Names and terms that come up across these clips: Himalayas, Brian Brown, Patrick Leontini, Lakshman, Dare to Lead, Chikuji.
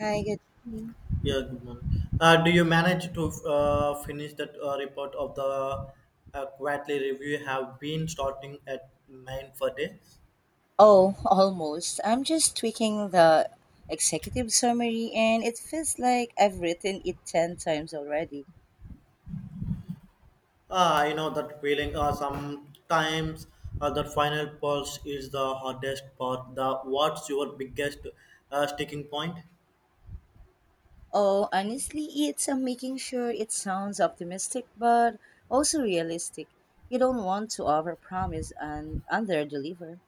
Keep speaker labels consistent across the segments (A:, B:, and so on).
A: Hi, good morning.
B: Yeah, good morning. Do you manage to finish that report of the quarterly review? Have been starting at nine for day.
A: Oh, almost. I'm just tweaking the executive summary and it feels like I've written it 10 times already.
B: I know that feeling. Sometimes that final pulse is the hardest part. The what's your biggest sticking point?
A: Oh, honestly, it's I'm making sure it sounds optimistic but also realistic. You don't want to overpromise and underdeliver.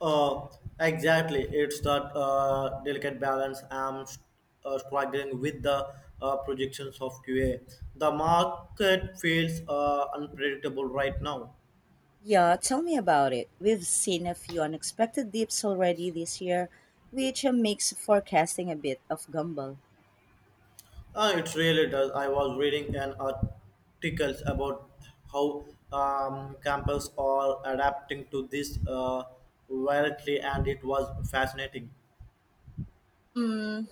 B: Uh, exactly. It's that delicate balance I'm struggling with the projections of QA. The market feels unpredictable right now.
A: Yeah, tell me about it. We've seen a few unexpected dips already this year, which makes forecasting a bit of gamble.
B: It really does. I was reading an articles about how campus are adapting to this volatility, and it was fascinating.
A: Hmm.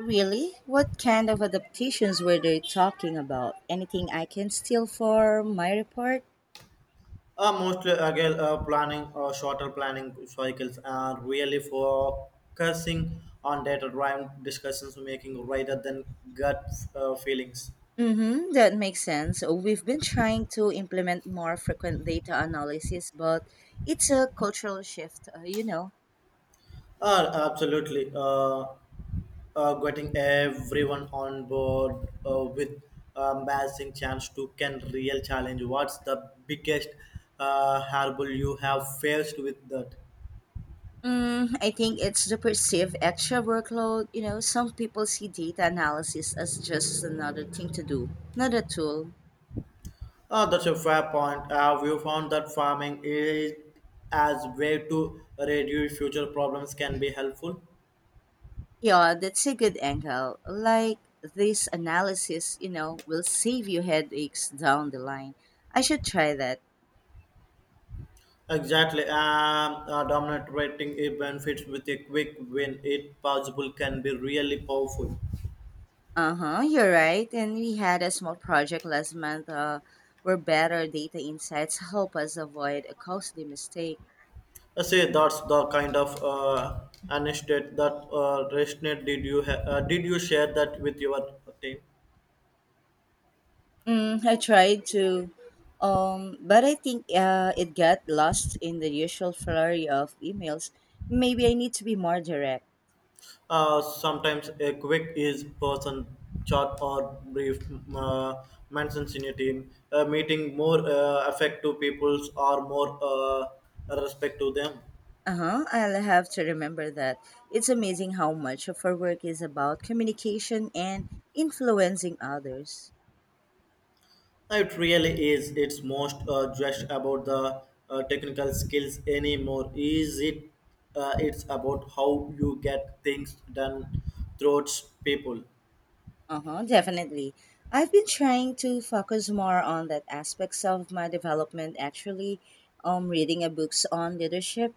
A: Really? What kind of adaptations were they talking about? Anything I can steal for my report?
B: Mostly again planning shorter planning cycles are really focusing on data driven discussions making rather than gut feelings.
A: Mm-hmm, that makes sense. We've been trying to implement more frequent data analysis, but it's a cultural shift.
B: Absolutely, getting everyone on board with a massive chance to can real challenge. What's the biggest hurdle you have faced with that?
A: Mm, I think it's the perceived extra workload. You know, some people see data analysis as just another thing to do, not a tool.
B: That's a fair point. We found that farming is as way to reduce future problems can be helpful.
A: Yeah, that's a good angle. Like this analysis, will save you headaches down the line. I should try that.
B: Exactly. Dominant rating it benefits with a quick win, it possible, can be really powerful.
A: Uh huh, you're right. And we had a small project last month where better data insights help us avoid a costly mistake.
B: I say that's the kind of an estate that ResNet did did you share that with your team?
A: Mm, I tried to, but I think it got lost in the usual flurry of emails. Maybe I need to be more direct.
B: Sometimes a quick is person short or brief mentions in a team. Meeting more effective peoples or more respect to them.
A: Uh-huh. I'll have to remember that. It's amazing how much of our work is about communication and influencing others.
B: It really is. It's most just about the technical skills anymore. Is it? It's about how you get things done throughout people.
A: Uh-huh, definitely. I've been trying to focus more on that aspects of my development actually. Reading a books on leadership.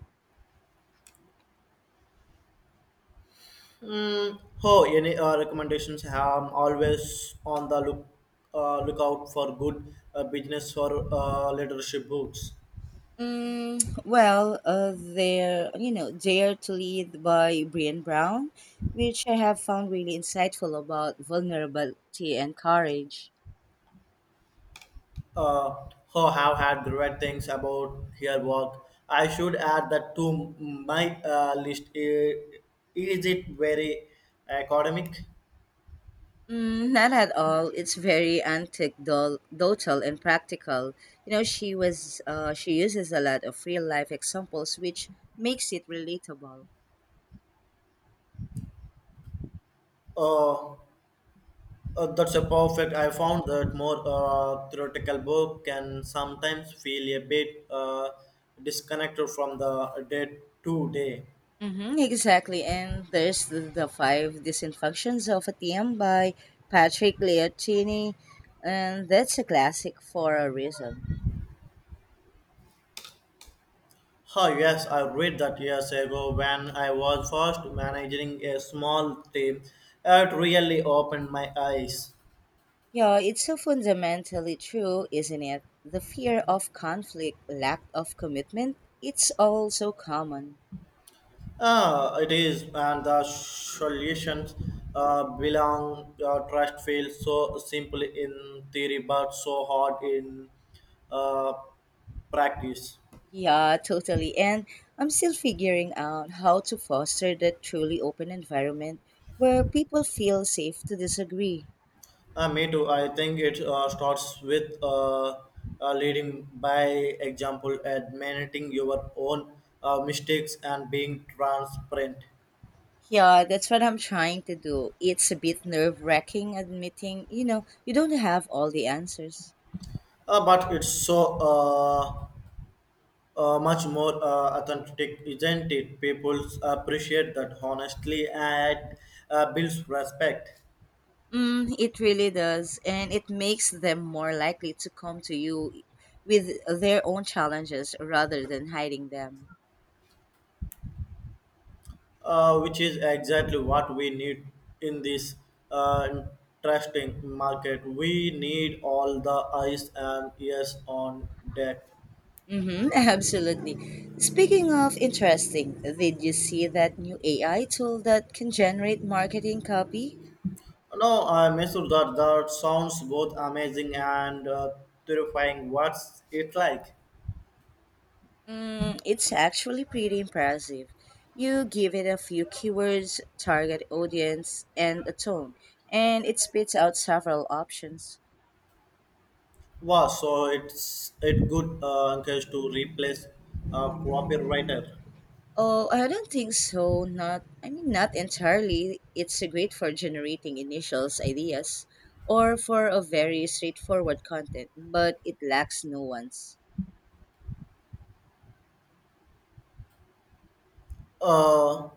B: Mm, oh, any recommendations? I'm always on the lookout for good business or leadership books.
A: Well, there Dare to Lead by Brian Brown, which I have found really insightful about vulnerability and courage.
B: Uh, who have had great things about her work. I should add that to my list. I- Is it very academic?
A: Mm, not at all. It's very anecdotal and practical. You know, she uses a lot of real life examples, which makes it relatable.
B: Uh, that's a perfect. I found that more theoretical book can sometimes feel a bit disconnected from the day to day.
A: Mm-hmm, exactly. And there's the five disinfunctions of a TM by Patrick Leontini, and that's a classic for a reason.
B: Oh, yes, I read that years ago when I was first managing a small team. It really opened my eyes.
A: Yeah, it's so fundamentally true, isn't it? The fear of conflict, lack of commitment, it's all so common.
B: Ah, it is, and the solutions belong. Trust feels so simple in theory, but so hard in uh, practice.
A: Yeah, totally. And I'm still figuring out how to foster that truly open environment where people feel safe to disagree.
B: Me too. I think it starts with leading by example, admitting your own mistakes and being transparent.
A: Yeah, that's what I'm trying to do. It's a bit nerve wracking admitting, you don't have all the answers.
B: But it's so much more authentic, isn't it? People appreciate that honestly and builds respect.
A: Mm, it really does. And it makes them more likely to come to you with their own challenges rather than hiding them.
B: Which is exactly what we need in this uh, interesting market. We need all the eyes and ears on deck.
A: Mm-hmm, absolutely. Speaking of interesting, did you see that new AI tool that can generate marketing copy?
B: No, I'm sure that that sounds both amazing and terrifying. What's it like?
A: Mm, it's actually pretty impressive. You give it a few keywords, target audience, and a tone, and it spits out several options.
B: Wow, so it's it good encourage to replace a copywriter.
A: Oh, I don't think so. Not, I mean, not entirely. It's great for generating initials, ideas, or for a very straightforward content, but it lacks nuance.
B: Uh,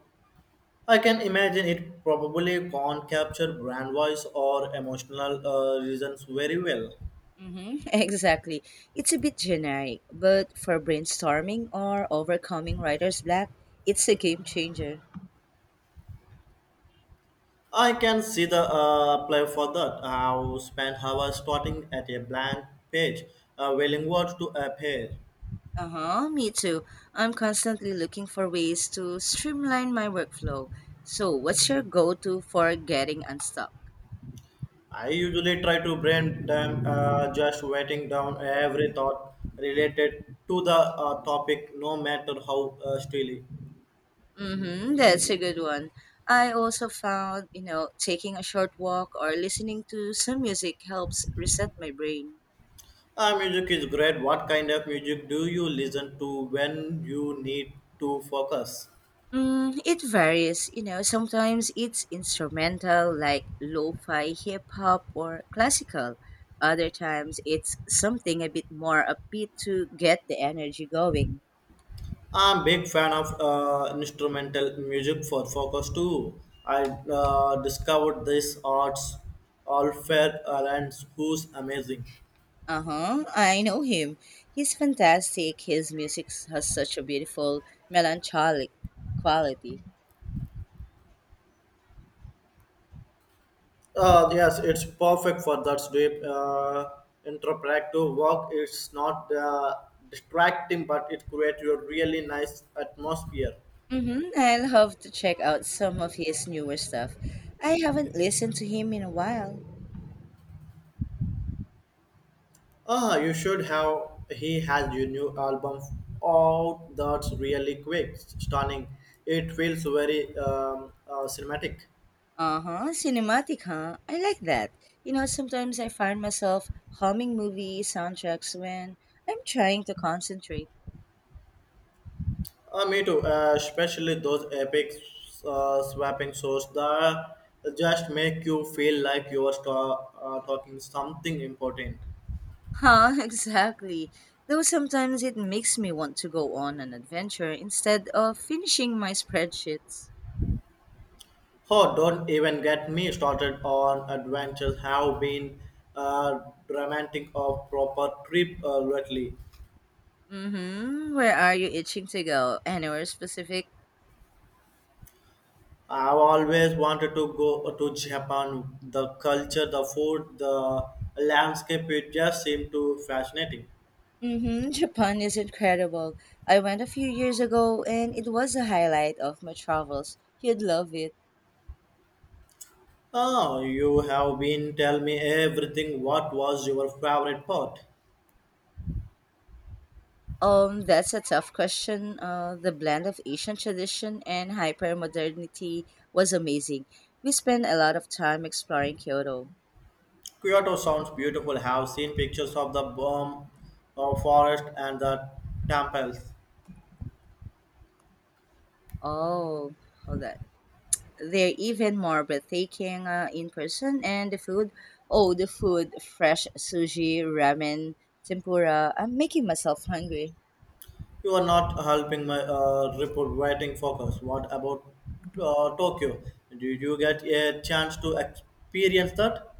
B: I can imagine it probably can't capture brand voice or emotional reasons very well.
A: Mm-hmm, exactly. It's a bit generic, but for brainstorming or overcoming writer's block, it's a game changer.
B: I can see the play for that. I spend hours starting at a blank page, willing words to appear.
A: Uh huh, me too. I'm constantly looking for ways to streamline my workflow. So, what's your go to for getting unstuck?
B: I usually try to brain them, just writing down every thought related to the topic, no matter how silly.
A: Mm-hmm, that's a good one. I also found, taking a short walk or listening to some music helps reset my brain.
B: Music is great. What kind of music do you listen to when you need to focus?
A: Mm, it varies. Sometimes it's instrumental, like lo fi hip hop or classical. Other times it's something a bit more upbeat to get the energy going.
B: I'm big fan of instrumental music for focus too. I discovered this arts all fair and who's amazing.
A: Uh huh, I know him. He's fantastic. His music has such a beautiful, melancholic quality.
B: Yes, it's perfect for that deep interpretive work. It's not distracting, but it creates a really nice atmosphere.
A: Mm-hmm. I'll have to check out some of his newer stuff. I haven't listened to him in a while.
B: Ah, you should have. He has your new album out. That's really quick, stunning. It feels very cinematic.
A: Uh-huh, cinematic, huh? I like that. Sometimes I find myself humming movie soundtracks when I'm trying to concentrate.
B: Me too, especially those epic swapping shows that just make you feel like you are talking something important.
A: Huh, exactly. Though sometimes it makes me want to go on an adventure instead of finishing my spreadsheets.
B: Oh, don't even get me started on adventures have been uh, romantic or proper trip lately.
A: Mm-hmm. Where are you itching to go? Anywhere specific?
B: I've always wanted to go to Japan. The culture, the food, the landscape, it just seemed too fascinating.
A: Mm-hmm. Japan is incredible. I went a few years ago and it was a highlight of my travels. You'd love it.
B: Ah, you have been tell me everything. What was your favorite part?
A: That's a tough question. The blend of Asian tradition and hypermodernity was amazing. We spent a lot of time exploring Kyoto.
B: Kyoto sounds beautiful. Have seen pictures of the bomb of forest and the temples.
A: Oh, hold on. They're even more breathtaking in person, and the food. Oh, the food! Fresh sushi, ramen, tempura. I'm making myself hungry.
B: You are not helping my report writing focus. What about Tokyo? Did you get a chance to experience that?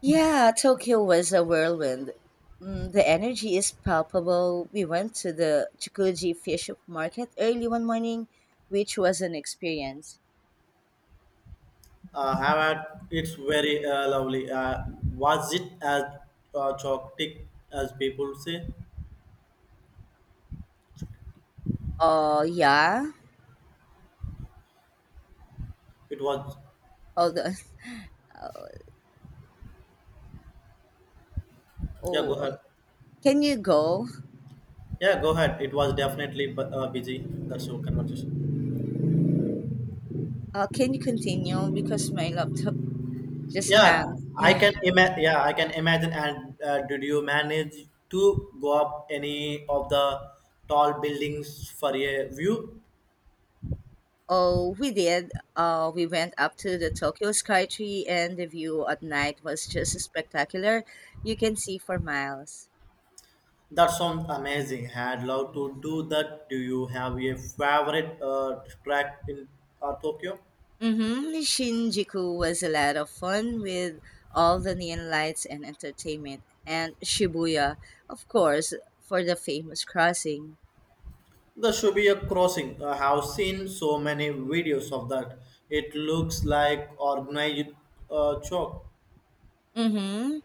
A: Yeah, Tokyo was a whirlwind. The energy is palpable. We went to the Chikuji fish market early one morning, which was an experience.
B: Have had it's very lovely. Was it as chaotic as people say?
A: Oh, yeah.
B: It was.
A: Hold on.
B: Yeah, go
A: Oh,
B: ahead.
A: can you go?
B: Yeah, go ahead. It was definitely busy. That's your conversation.
A: Can you continue? Because my laptop just
B: Yeah,
A: hung.
B: I
A: Yeah.
B: can ima. Yeah, I can imagine. And did you manage to go up any of the tall buildings for a view?
A: Oh, we did. We went up to the Tokyo Skytree, and the view at night was just spectacular. You can see for miles.
B: That sounds amazing. I'd love
A: Mm-hmm.
B: to do that. Do you have a favorite track in Tokyo?
A: Mm-hmm. Shinjuku was a lot of fun with all the neon lights and entertainment, and Shibuya, of course, for the famous crossing.
B: There should be a crossing. I have seen so many videos of that. It looks like organized chalk.
A: Mm-hmm.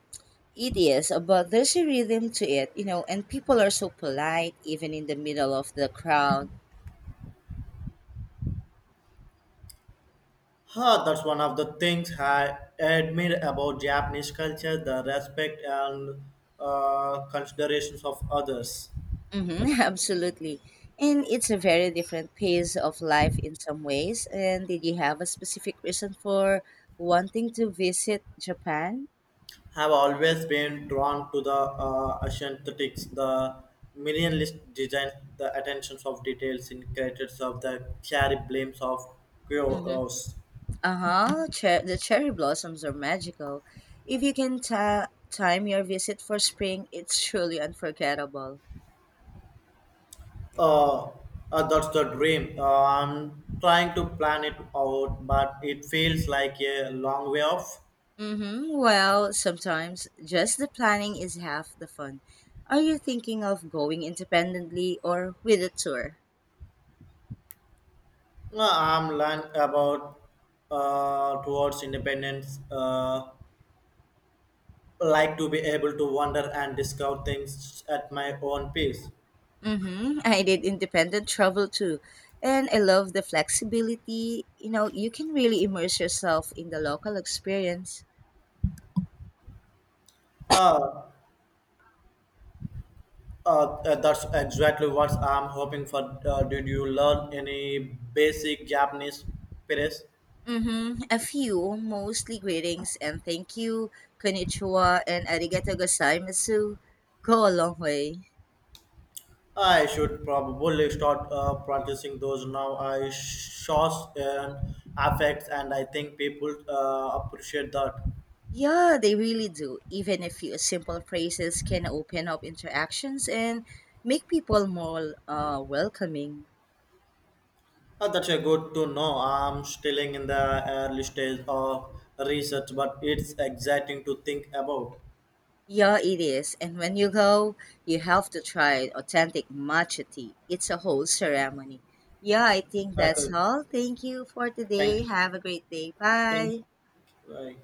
A: It is, but there's a rhythm to it, you know, and people are so polite even in the middle of the crowd.
B: Huh, that's one of the things I admire about Japanese culture the respect and considerations of others.
A: Mm-hmm. Absolutely. And it's a very different pace of life in some ways. And did you have a specific reason for wanting to visit Japan?
B: Have always been drawn to the aesthetics, the minimalist design, the attentions of details in creators of the cherry blames of chaos.
A: Uh huh. The cherry blossoms are magical. If you can time your visit for spring, it's truly unforgettable.
B: Uh, that's the dream. I'm trying to plan it out, but it feels like a long way off.
A: Mm-hmm. Well, sometimes just the planning is half the fun. Are you thinking of going independently or with a tour?
B: No, I'm learning about towards independence, like to be able to wander and discover things at my own pace.
A: Mm-hmm. I did independent travel too, and I love the flexibility. You know, you can really immerse yourself in the local experience.
B: Uh, that's exactly what I'm hoping for. Did you learn any basic Japanese phrase?
A: Mm-hmm. A few, mostly greetings and thank you, konnichiwa, and arigato gozaimasu go a long way.
B: I should probably start practicing those now. I shows and affects, and I think people appreciate that.
A: Yeah, they really do. Even a few simple phrases can open up interactions and make people more welcoming.
B: That's a good to know. I'm still in the early stage of research, but it's exciting to think about.
A: Yeah, it is. And when you go, you have to try authentic matcha tea. It's a whole ceremony. Yeah, I think
B: Uh,
A: that's all. Thank you for today.
B: thank.
A: Have a great day.
B: think,
A: Bye.
B: right.